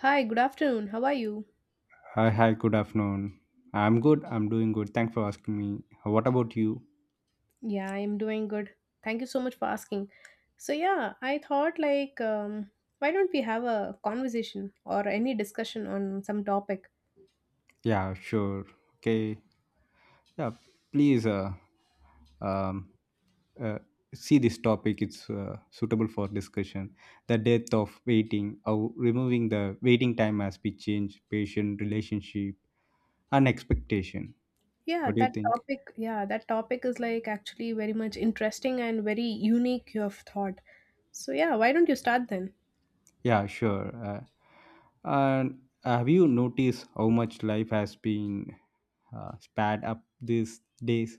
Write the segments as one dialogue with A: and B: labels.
A: Hi, good afternoon. How are you?
B: Hi, hi, good afternoon. I'm doing good. Thanks for asking me. What about you?
A: Yeah, I'm doing good. Thank you so much for asking. So, yeah, I thought like why don't we have a conversation or any discussion on some topic?
B: Yeah, sure. Okay. Yeah, please um, uh, see this topic. It's suitable for discussion. The death of waiting, or removing the waiting time as we change patient relationship and expectation.
A: Yeah,
B: What do you
A: that
B: think?
A: topic, yeah, that topic is like actually very much interesting and very unique you have thought. So, yeah, why don't you start then?
B: Yeah, sure. And have you noticed how much life has been sped up these days?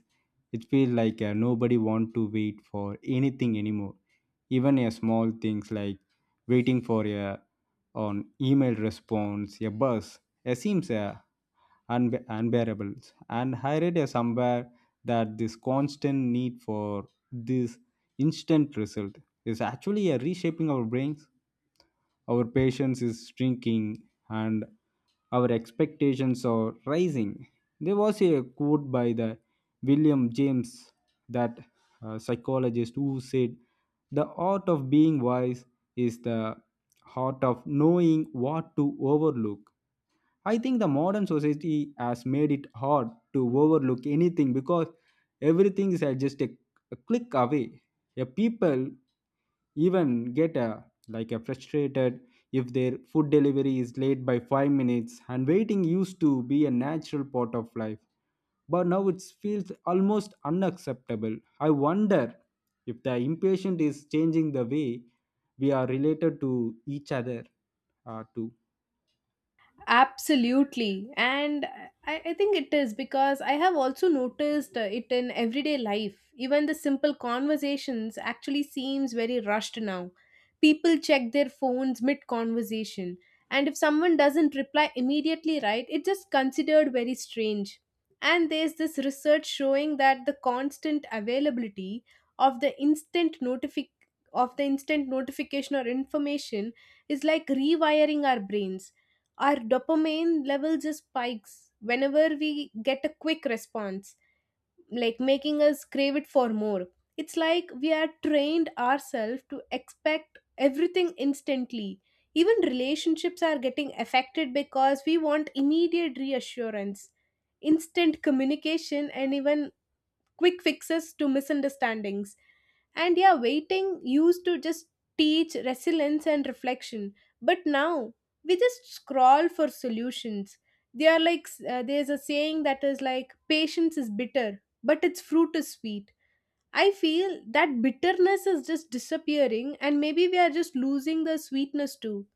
B: It feels like nobody want to wait for anything anymore. Even a small things like waiting for a on email response, a bus, it seems unbearable. And I read somewhere that this constant need for this instant result is actually a reshaping our brains. Our patience is shrinking and our expectations are rising. There was a quote by the William James, that psychologist, who said, "The art of being wise is the art of knowing what to overlook." I think the modern society has made it hard to overlook anything because everything is at just a click away. A people even get a like a frustrated if their food delivery is late by 5 minutes, and waiting used to be a natural part of life, but now it feels almost unacceptable. I wonder if the impatient is changing the way we are related to each other too.
A: Absolutely. And I think it is because I have also noticed it in everyday life. Even the simple conversations actually seems very rushed now. People check their phones mid conversation. And if someone doesn't reply immediately, right, it's just considered very strange. And there's this research showing that the constant availability of the instant notific of the instant notification or information is like rewiring our brains. Our dopamine level just spikes whenever we get a quick response, like making us crave it for more. It's like we are trained ourselves to expect everything instantly. Even relationships are getting affected because we want immediate reassurance, instant communication, and even quick fixes to misunderstandings. And yeah, waiting used to just teach resilience and reflection. But now we just scroll for solutions. They are like, there's a saying that is like, patience is bitter, but its fruit is sweet. I feel that bitterness is just disappearing, and maybe we are just losing the sweetness too.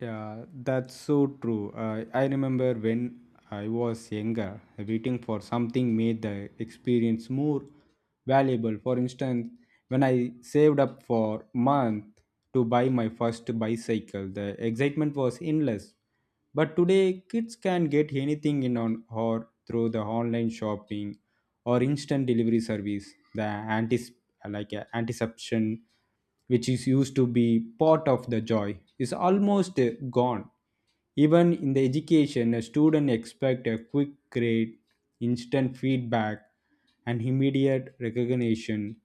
B: Yeah, that's so true. I remember when I was younger, waiting for something made the experience more valuable. For instance, when I saved up for month to buy my first bicycle, the excitement was endless. But today, kids can get anything in on or through the online shopping or instant delivery service. The anticipation which is used to be part of the joy, is almost gone. Even in the education, a student expect a quick grade, instant feedback, and immediate recognition.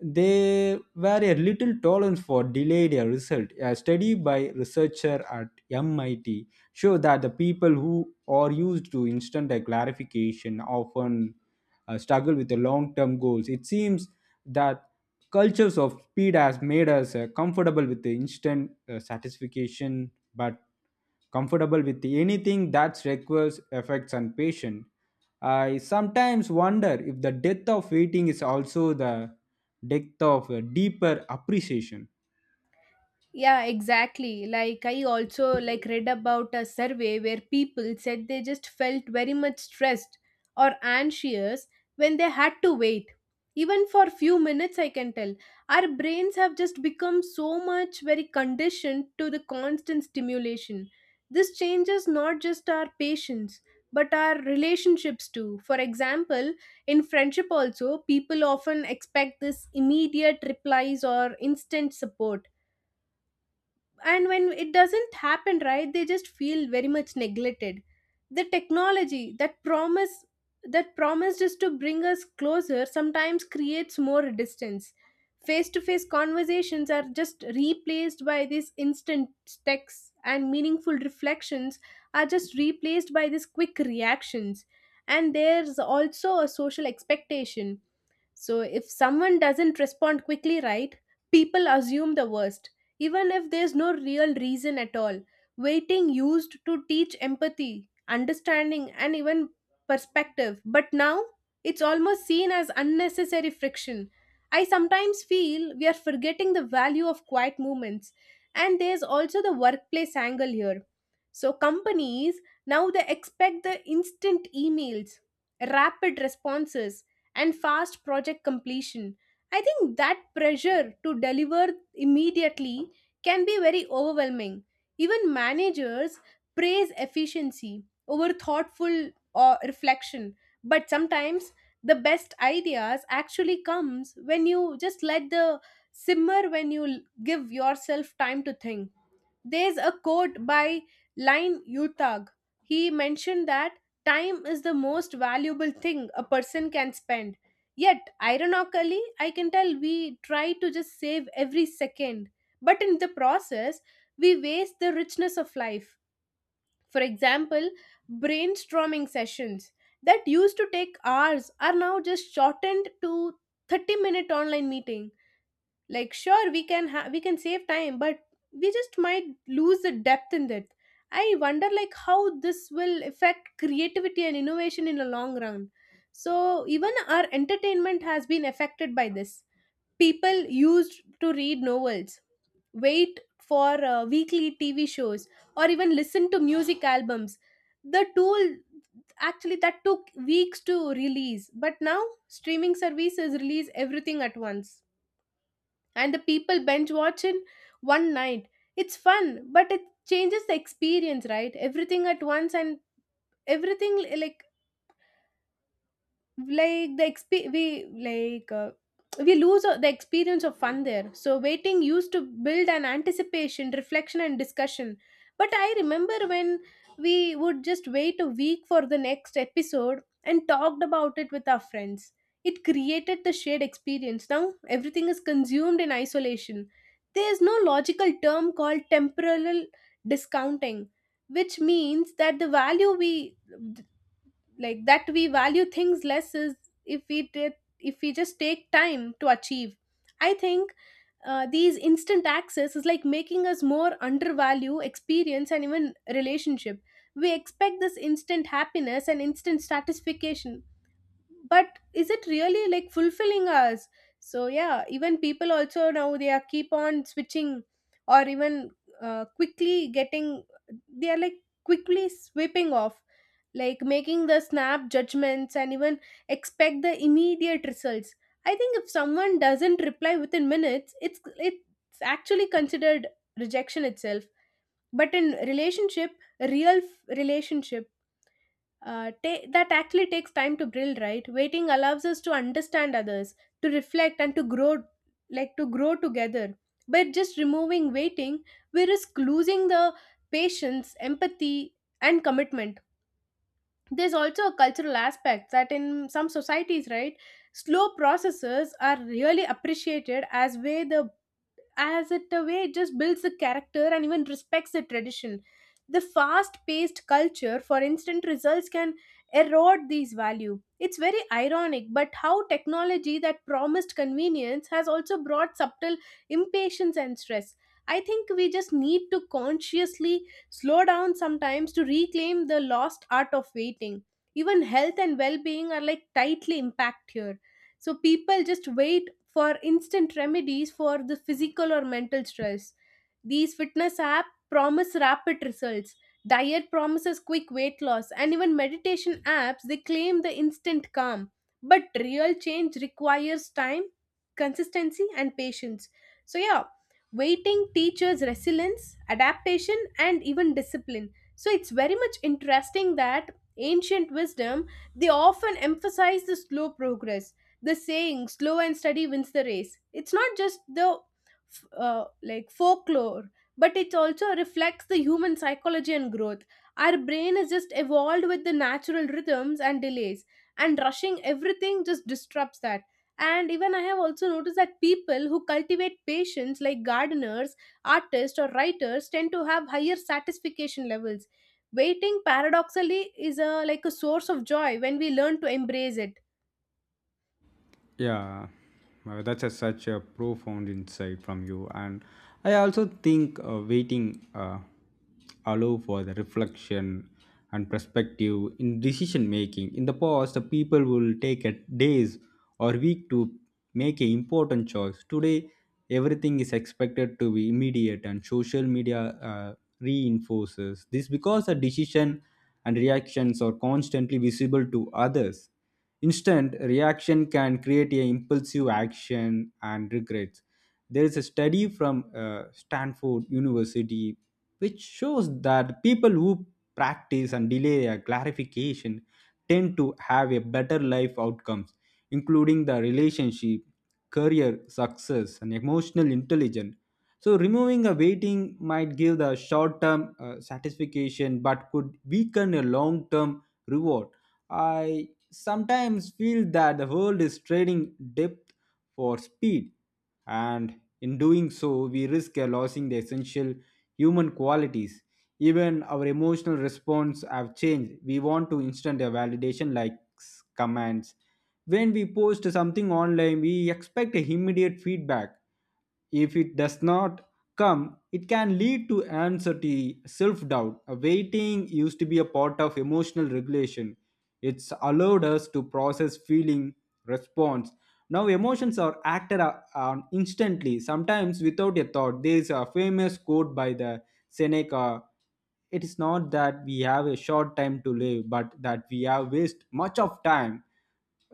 B: There were a little tolerance for delayed result. A study by researcher at MIT show that the people who are used to instant clarification often struggle with the long-term goals. It seems that cultures of speed has made us comfortable with the instant satisfaction, but comfortable with anything that requires effects and patience. I sometimes wonder if the death of waiting is also the death of a deeper appreciation.
A: Yeah, exactly, like I also like read about a survey where people said they just felt very much stressed or anxious when they had to wait even for few minutes. I can tell our brains have just become so much very conditioned to the constant stimulation. This changes not just our patience but our relationships too. For example, in friendship also people often expect this immediate replies or instant support, and when it doesn't happen, right, they just feel very much neglected. The technology that promised is to bring us closer sometimes creates more distance. Face to face conversations are just replaced by these instant texts, and meaningful reflections are just replaced by these quick reactions. And there's also a social expectation. So if someone doesn't respond quickly, right, people assume the worst, even if there's no real reason at all. Waiting used to teach empathy, understanding, and even perspective, but now it's almost seen as unnecessary friction. I sometimes feel we are forgetting the value of quiet moments, and there's also the workplace angle here. So, companies now they expect the instant emails, rapid responses, and fast project completion. I think that pressure to deliver immediately can be very overwhelming. Even managers praise efficiency over thoughtful or reflection, but sometimes the best ideas actually comes when you just let the simmer, when you give yourself time to think. There's a quote by Lin Yutag. He mentioned that time is the most valuable thing a person can spend. Yet, ironically, I can tell we try to just save every second. But in the process, we waste the richness of life. For example, brainstorming sessions that used to take hours are now just shortened to 30 minute online meeting. Like, sure, we can save time, but we just might lose the depth in that. I wonder like how this will affect creativity and innovation in the long run. So even our entertainment has been affected by this. People used to read novels, wait for weekly tv shows, or even listen to music albums. The tool actually that took weeks to release. But now streaming services release everything at once, and the people binge watch in one night. It's fun, but it changes the experience, right? Everything at once and everything like the exp we lose the experience of fun there. So waiting used to build an anticipation, reflection, and discussion. But I remember when we would just wait a week for the next episode and talked about it with our friends. It created the shared experience. Now everything is consumed in isolation. There is no logical term called temporal discounting, which means that the value we like that we value things less is if we just take time to achieve. I think, these instant access is like making us more undervalue experience and even relationship. We expect this instant happiness and instant satisfaction, but is it really like fulfilling us? So yeah, even people also now they are keep on switching or even quickly getting, they are like quickly sweeping off, like making the snap judgments, and even expect the immediate results. I think if someone doesn't reply within minutes, it's actually considered rejection itself. But in relationship, real relationship, that actually takes time to build, right? Waiting allows us to understand others, to reflect, and to grow, like to grow together. But just removing waiting, we risk losing the patience, empathy, and commitment. There's also a cultural aspect that in some societies, right, slow processes are really appreciated as way the as it a way it just builds the character and even respects the tradition. The fast-paced culture, for instant results can erode these value. It's very ironic, but how technology that promised convenience has also brought subtle impatience and stress. I think we just need to consciously slow down sometimes to reclaim the lost art of waiting. Even health and well being are like tightly impacted here. So people just wait for instant remedies for the physical or mental stress. These fitness app promise rapid results, diet promises quick weight loss, and even meditation apps they claim the instant calm. But real change requires time, consistency, and patience. So yeah, waiting teaches resilience, adaptation, and even discipline. So it's very much interesting that ancient wisdom they often emphasize the slow progress. The saying slow and steady wins the race, it's not just the like folklore, but it also reflects the human psychology and growth. Our brain is just evolved with the natural rhythms and delays, and rushing everything just disrupts that. And even I have also noticed that people who cultivate patience, like gardeners, artists, or writers, tend to have higher satisfaction levels. Waiting, paradoxically, is a like a source of joy when we learn to embrace it.
B: Yeah, that's such a profound insight from you. And I also think waiting allow for the reflection and perspective in decision making. In the past, the people will take a days or week to make an important choice. Today, everything is expected to be immediate, and social media reinforces this because the decision and reactions are constantly visible to others. Instant reaction can create a impulsive action and regrets. There is a study from Stanford University which shows that people who practice and delay a clarification tend to have a better life outcomes, including the relationship, career success, and emotional intelligence. So, removing a waiting might give the short term satisfaction but could weaken a long term reward. I sometimes feel that the world is trading depth for speed, and in doing so, we risk losing the essential human qualities. Even our emotional response have changed. We want to instant validation like commands. When we post something online, we expect a immediate feedback. If it does not come, it can lead to anxiety, self doubt. Waiting used to be a part of emotional regulation. It's allowed us to process feeling, response. Now, emotions are acted on instantly, sometimes without a thought. There is a famous quote by the Seneca. It is not that we have a short time to live, but that we have wasted much of time.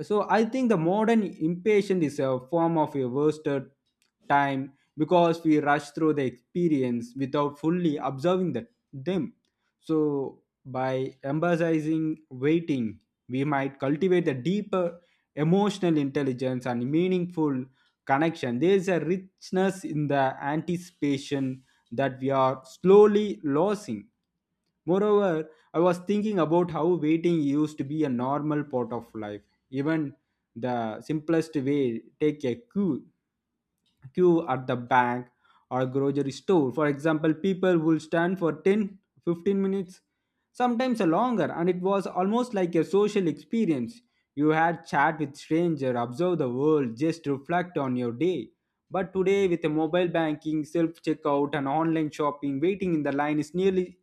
B: So I think the modern impatient is a form of a wasted time because we rush through the experience without fully observing them. So, by emphasizing waiting, we might cultivate a deeper emotional intelligence and meaningful connection. There is a richness in the anticipation that we are slowly losing. Moreover, I was thinking about how waiting used to be a normal part of life. Even the simplest way, take a queue at the bank or grocery store. For example, people will stand for 10, 15 minutes, sometimes longer, and it was almost like a social experience. You had chat with stranger, observe the world, just reflect on your day. But today, with the mobile banking, self checkout, and online shopping, waiting in the line is nearly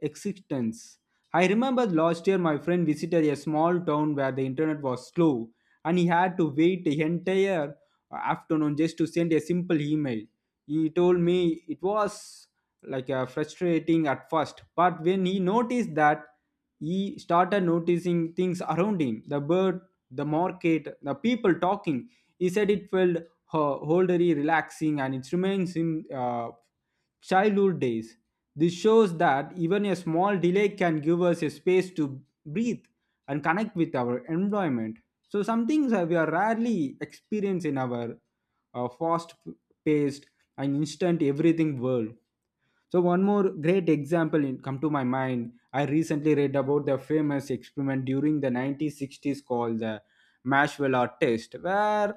B: existence. I remember last year my friend visited a small town where the internet was slow, and he had to wait the entire afternoon just to send a simple email. He told me it was like frustrating at first, but when he noticed that, he started noticing things around him, the bird, the market, the people talking. He said it felt wholly relaxing and it reminds him childhood days. This shows that even a small delay can give us a space to breathe and connect with our environment. So some things we are rarely experience in our fast-paced and instant everything world. So one more great example in, come to my mind. I recently read about the famous experiment during the 1960s called the Marshmallow test, where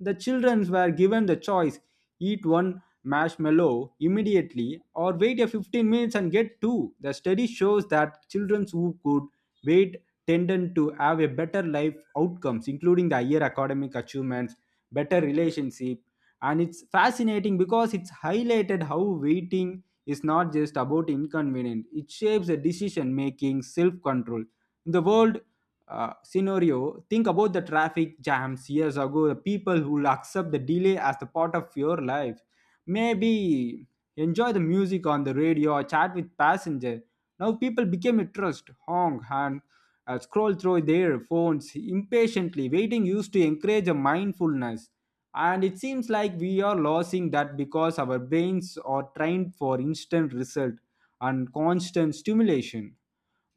B: the children were given the choice: eat one marshmallow immediately or wait a 15 minutes and get two. The study shows that children who could wait tended to have a better life outcomes, including the higher academic achievements, better relationship, and it's fascinating because it's highlighted how waiting is not just about inconvenience, it shapes a decision making, self control. In the world scenario, think about the traffic jams years ago, the people who accept the delay as the part of your life. Maybe enjoy the music on the radio or chat with passenger. Now people became a trust, honk, and scroll through their phones impatiently. Waiting used to encourage a mindfulness, and it seems like we are losing that because our brains are trained for instant result and constant stimulation.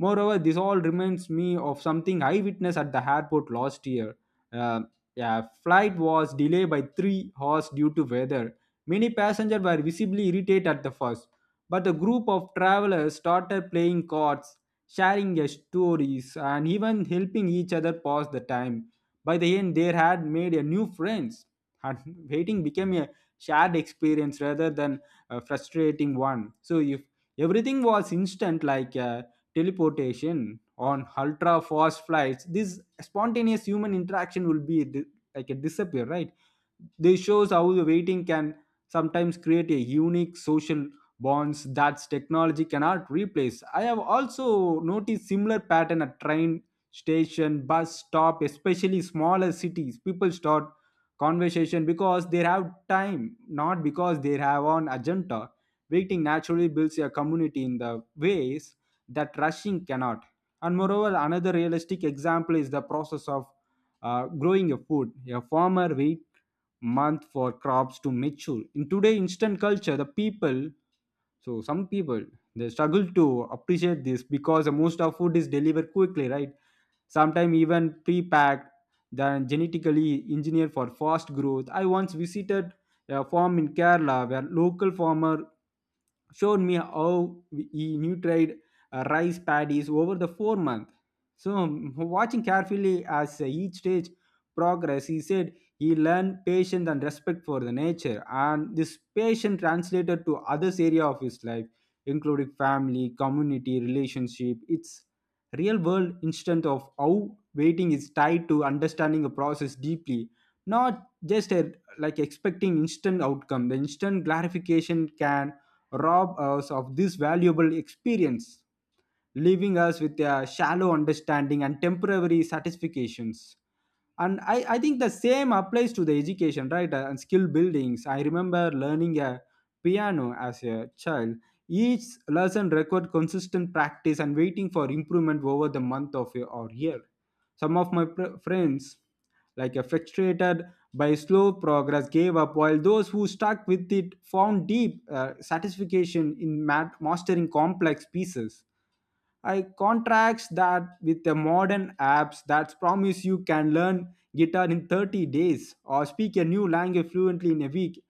B: Moreover, this all reminds me of something I witnessed at the airport last year. Uh, yeah, flight was delayed by 3 hours due to weather. Many passengers were visibly irritated at the first, but the group of travelers started playing cards, sharing their stories, and even helping each other pass the time. By the end they had made a new friends, and waiting became a shared experience rather than a frustrating one. So if everything was instant, like teleportation on ultra fast flights, this spontaneous human interaction will be like a disappear, right? This shows how the waiting can sometimes create a unique social bonds that technology cannot replace. I have also noticed similar pattern at train station, bus stop, especially smaller cities. People start conversation because they have time, not because they have an agenda. Waiting naturally builds a community in the ways that rushing cannot. And moreover, another realistic example is the process of growing a food. A farmer waits month for crops to mature. In today instant culture, the people, so some people they struggle to appreciate this because most of food is delivered quickly, right, sometimes even pre-packed, then genetically engineered for fast growth. I once visited a farm in Kerala where local farmer showed me how he nutried rice paddies over the 4 months. So, watching carefully as each stage progressed, he said he learned patience and respect for the nature, and this patience translated to others area of his life, including family, community, relationship. It's real world instance of how waiting is tied to understanding a process deeply, not just like expecting instant outcome. The instant clarification can rob us of this valuable experience, leaving us with a shallow understanding and temporary satisfactions. And I think the same applies to the education, right? And skill buildings. I remember learning a piano as a child. Each lesson required consistent practice and waiting for improvement over the month of or year. Some of my friends, like a frustrated by slow progress, gave up, while those who stuck with it found deep satisfaction in mastering complex pieces. I contracts that with the modern apps that promise you can learn guitar in 30 days or speak a new language fluently in a week.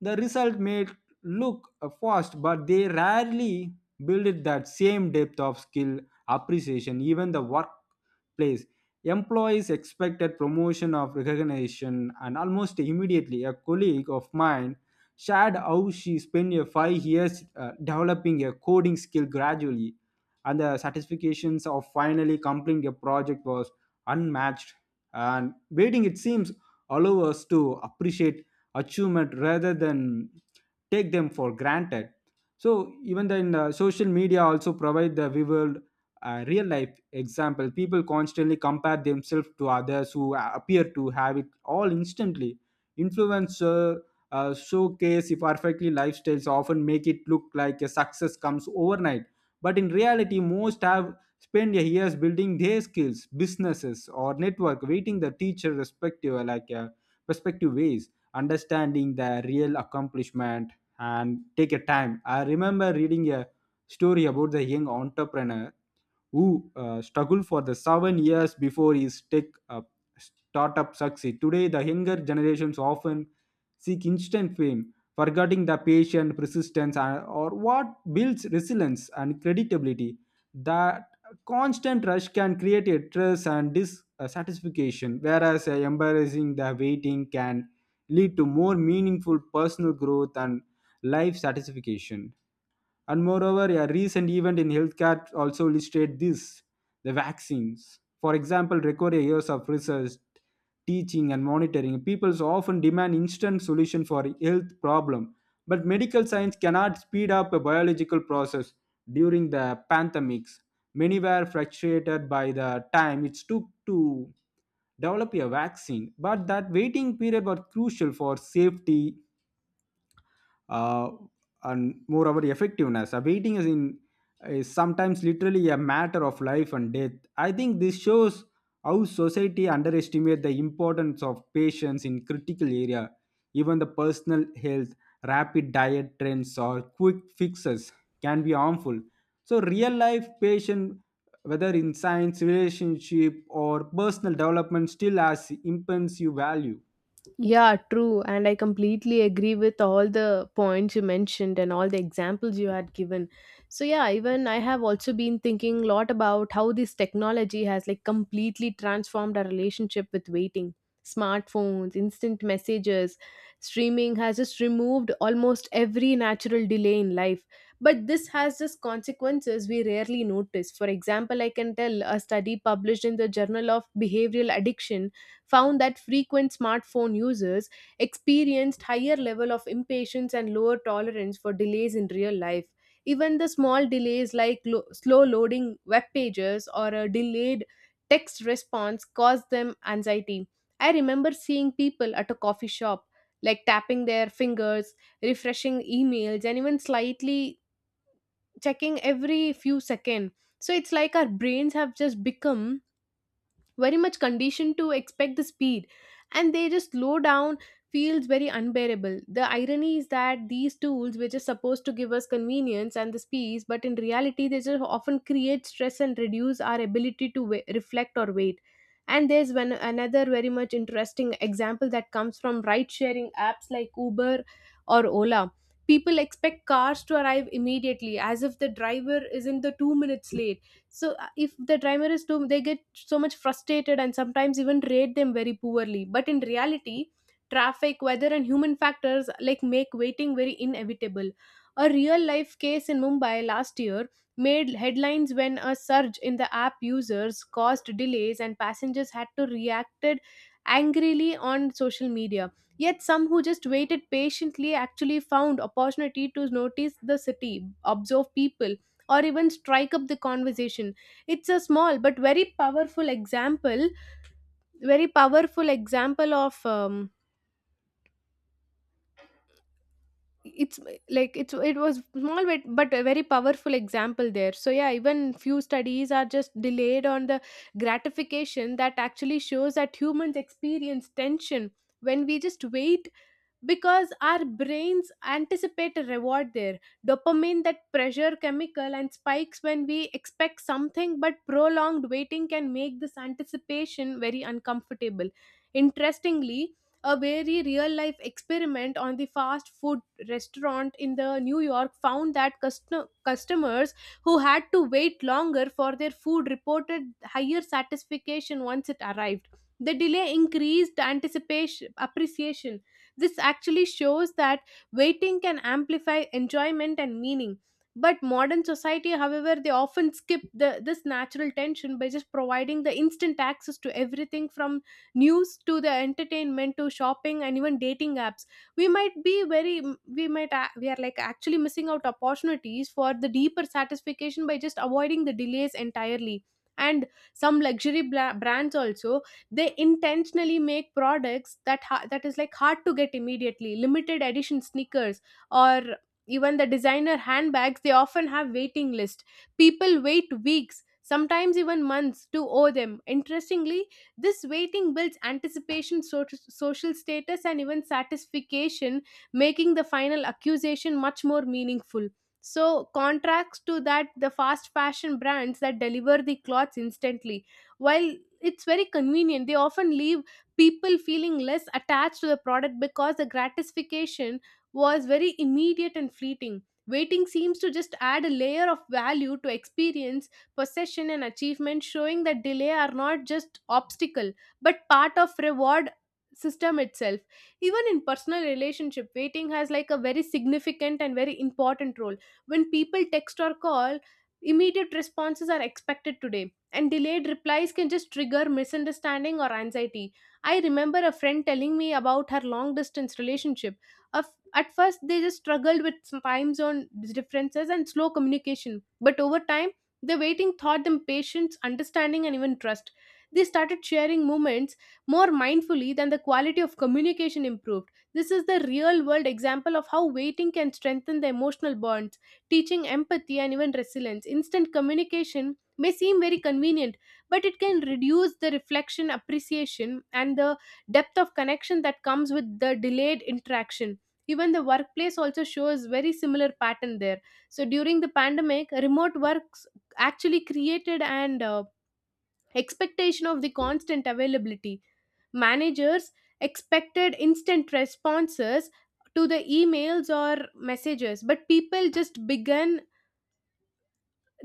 B: The result may look fast, but they rarely build it that same depth of skill appreciation, even the workplace. Employees expected promotion of recognition and almost immediately, a colleague of mine shared how she spent a 5 years developing a coding skill gradually, and the satisfactions of finally completing a project was unmatched. And waiting, it seems, allow us to appreciate achievement rather than take them for granted. So even then, social media also provide the vivid real life example. People constantly compare themselves to others who appear to have it all instantly. Influencer showcase if perfectly lifestyles often make it look like a success comes overnight, but in reality most have spent their years building their skills, businesses, or network. Waiting the teacher respective, like perspective ways, understanding the real accomplishment, and take a time. I remember reading a story about the young entrepreneur who struggled for the 7 years before his tech startup succeed. Today, the younger generations often seek instant fame, forgetting the patience, persistence, and, or what builds resilience and credibility. That constant rush can create a stress and dissatisfaction, whereas embarrassing the waiting can lead to more meaningful personal growth and life satisfaction. And moreover, a recent event in healthcare also illustrate this. The vaccines, for example, require years of research, teaching, and monitoring. People often demand instant solution for health problem, but medical science cannot speed up a biological process. During the pandemics, many were frustrated by the time it took to develop a vaccine, but that waiting period was crucial for safety uh, and more about effectiveness. A waiting is sometimes literally a matter of life and death. I think this shows how society underestimates the importance of patience in critical area, even the personal health, rapid diet trends or quick fixes can be harmful. So real life patient, whether in science, relationship or personal development, still has immense value.
A: Yeah, true. And I completely agree with all the points you mentioned and all the examples you had given. So, yeah, even I have also been thinking a lot about how this technology has like completely transformed our relationship with waiting. Smartphones, instant messages, streaming has just removed almost every natural delay in life. But this has just consequences we rarely notice. For example, I can tell a study published in the Journal of Behavioral Addiction found that frequent smartphone users experienced higher level of impatience and lower tolerance for delays in real life. Even the small delays like slow loading web pages or a delayed text response caused them anxiety. I remember seeing people at a coffee shop, like tapping their fingers, refreshing emails, and even slightly checking every few seconds. So it's like our brains have just become very much conditioned to expect the speed, and they just slow down feels very unbearable. The irony is that these tools which are supposed to give us convenience and the speed, but in reality they just often create stress and reduce our ability to reflect or wait. And there's one another very much interesting example that comes from ride sharing apps like Uber or Ola. People expect cars to arrive immediately as if the driver is in the 2 minutes late. So, if the timer is too, they get so much frustrated and sometimes even rate them very poorly. But in reality, traffic, weather, and human factors like make waiting very inevitable. A real life case in Mumbai last year made headlines when a surge in the app users caused delays and passengers had to reacted angrily on social media. Yet some who just waited patiently actually found opportunity to notice the city, observe people, or even strike up the conversation. It's a small but very powerful example. Very powerful example of it's like it's It was small, but a very powerful example there. So yeah, even few studies are just delayed on the gratification that actually shows that humans experience tension when we just wait, because our brains anticipate a reward there. Dopamine, that pressure chemical, and spikes when we expect something. But prolonged waiting can make this anticipation very uncomfortable. Interestingly, a very real life experiment on the fast food restaurant in the New York found that customers who had to wait longer for their food reported higher satisfaction once it arrived. The delay increased anticipation, appreciation. This actually shows that waiting can amplify enjoyment and meaning. But modern society, however, they often skip this natural tension by just providing the instant access to everything from news to the entertainment to shopping and even dating apps. We might be very, we might, a- We are like actually missing out opportunities for the deeper satisfaction by just avoiding the delays entirely. And some luxury brands also they intentionally make products that is like hard to get immediately, limited edition sneakers or even the designer handbags. They often have waiting list. People wait weeks, sometimes even months to owe them. Interestingly, this waiting builds anticipation, social status and even satisfaction, making the final accusation much more meaningful. So contrast to that, the fast fashion brands that deliver the clothes instantly, while it's very convenient, they often leave people feeling less attached to the product because the gratification was very immediate and fleeting. Waiting seems to just add a layer of value to experience, possession and achievement, showing that delay are not just obstacle but part of reward system itself. Even in personal relationship, waiting has like a very significant and very important role. When people text or call, immediate responses are expected today, and delayed replies can just trigger misunderstanding or anxiety. I remember a friend telling me about her long distance relationship. Of- At first, they just struggled with some time zone differences and slow communication, but over time, the waiting taught them patience, understanding, and even trust. They started sharing moments more mindfully, than the quality of communication improved. This is the real world example of how waiting can strengthen the emotional bonds, teaching empathy and even resilience. Instant communication may seem very convenient, but it can reduce the reflection, appreciation, and the depth of connection that comes with the delayed interaction. Even the workplace also shows very similar pattern there. So during the pandemic, remote works actually created an expectation of the constant availability. Managers expected instant responses to the emails or messages, but people just began,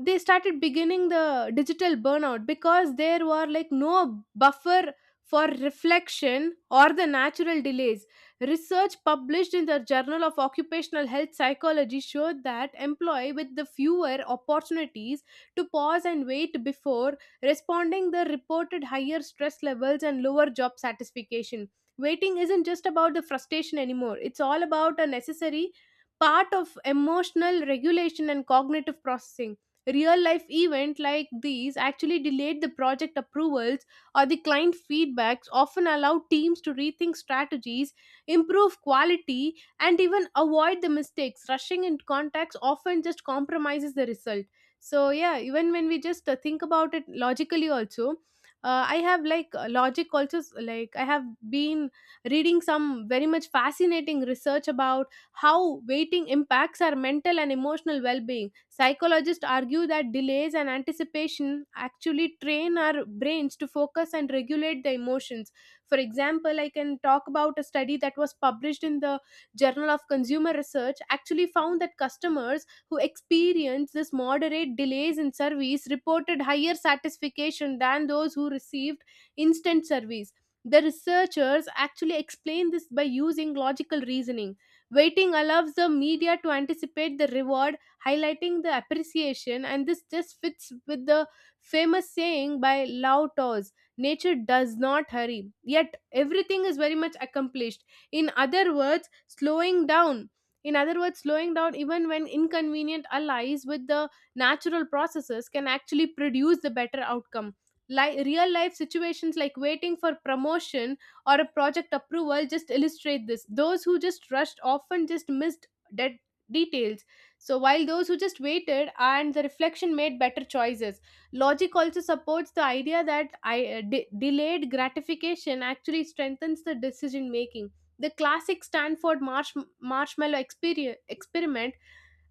A: they started beginning the digital burnout because there were like no buffer for reflection or the natural delays. Research published in the journal of occupational health psychology showed that employee with the fewer opportunities to pause and wait before responding the reported higher stress levels and lower job satisfaction. Waiting isn't just about the frustration anymore, it's all about a necessary part of emotional regulation and cognitive processing. Real life events like these actually delayed the project approvals or the client feedbacks, often allow teams to rethink strategies, improve quality, and even avoid the mistakes. Rushing in contacts often just compromises the result. So, yeah, even when we just think about it logically, also. I have like logic also like I have been reading some very much fascinating research about how waiting impacts our mental and emotional well-being. Psychologists argue that delays and anticipation actually train our brains to focus and regulate the emotions. For example, I can talk about a study that was published in the journal of consumer research, actually found that customers who experienced this moderate delays in service reported higher satisfaction than those who received instant service. The researchers actually explained this by using logical reasoning. Waiting allows the media to anticipate the reward, highlighting the appreciation, and this just fits with the famous saying by Lao Tzu: nature does not hurry, yet everything is very much accomplished. In other words, slowing down. In other words, slowing down even when inconvenient allies with the natural processes can actually produce the better outcome. Like real life situations like waiting for promotion or a project approval just illustrate this. Those who just rushed often just missed that details. So while those who just waited and the reflection made better choices. Logic also supports the idea that delayed gratification actually strengthens the decision making. The classic Stanford marshmallow experiment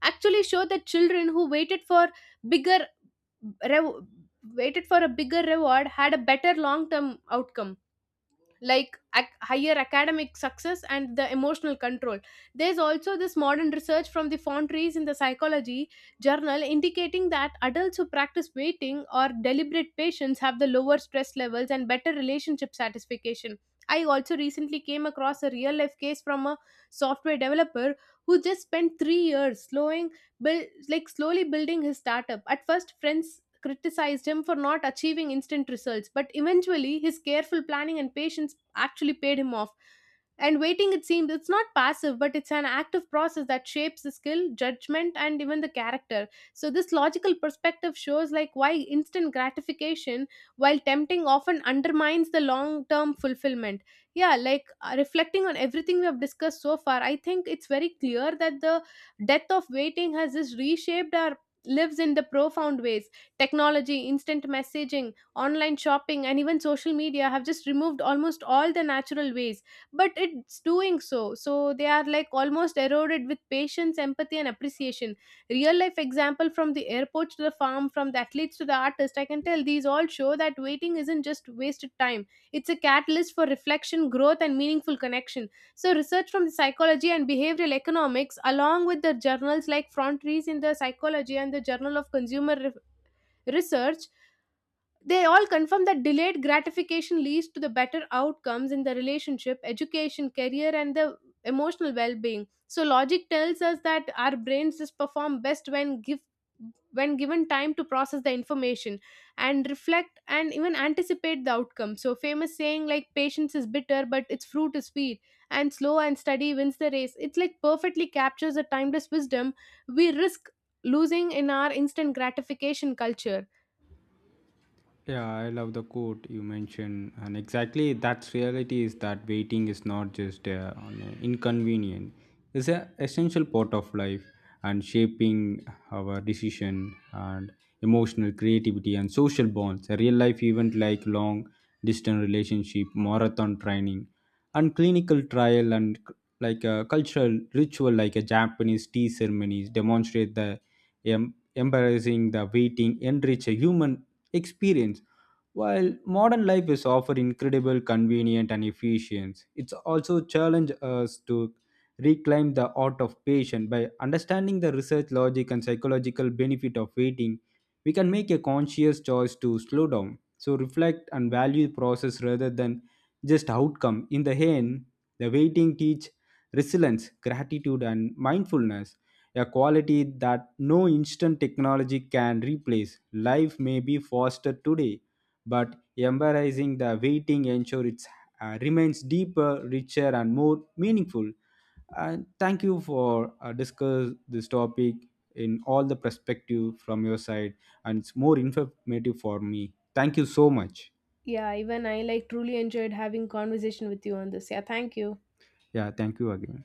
A: actually showed that children who waited for bigger rev- waited for a bigger reward had a better long term outcome, like higher academic success and the emotional control. There's also this modern research from the foundries in the psychology journal indicating that adults who practice waiting or deliberate patience have the lower stress levels and better relationship satisfaction. I also recently came across a real life case from a software developer who just spent 3 years slowing build, like slowly building his startup. At first friends criticized him for not achieving instant results, but eventually his careful planning and patience actually paid him off. And waiting, it seems, it's not passive, but it's an active process that shapes the skill, judgment, and even the character. So, this logical perspective shows like why instant gratification, while tempting, often undermines the long term fulfillment. Yeah, like reflecting on everything we have discussed so far, I think it's very clear that the death of waiting has just reshaped our lives in the profound ways. Technology, instant messaging, online shopping, and even social media have just removed almost all the natural ways, but it's doing so. So they are like almost eroded with patience, empathy, and appreciation. Real life example from the airport to the farm, from the athletes to the artist, I can tell these all show that waiting isn't just wasted time. It's a catalyst for reflection, growth, and meaningful connection. So, research from the psychology and behavioral economics, along with the journals like Frontiers in the psychology and the Journal of Consumer research, they all confirm that delayed gratification leads to the better outcomes in the relationship education career and the emotional well-being. So logic tells us that our brains just perform best when give when given time to process the information and reflect and even anticipate the outcome. So famous saying like patience is bitter but its fruit is sweet, and slow and steady wins the race, it's like perfectly captures the timeless wisdom we risk losing in our instant gratification culture.
B: Yeah, I love the quote you mentioned, and exactly that's reality is that waiting is not just an inconvenient; it's an essential part of life and shaping our decision and emotional creativity and social bonds. A real life event like long distance relationship, marathon training, and clinical trial and like a cultural ritual like a Japanese tea ceremonies demonstrate the Em- embarrassing the waiting enrich a human experience. While modern life is often incredible, convenient, and efficient, it's also challenge us to reclaim the art of patience by understanding the research logic and psychological benefit of waiting. We can make a conscious choice to slow down, so reflect and value process rather than just outcome. In the end, the waiting teach resilience, gratitude, and mindfulness, a quality that no instant technology can replace. Life may be faster today, but embracing the waiting ensure it remains deeper, richer, and more meaningful. And thank you for discuss this topic in all the perspective from your side, and it's more informative for me. Thank you so much.
A: Yeah, even I like truly enjoyed having conversation with you on this. Yeah, thank you.
B: Yeah, thank you again.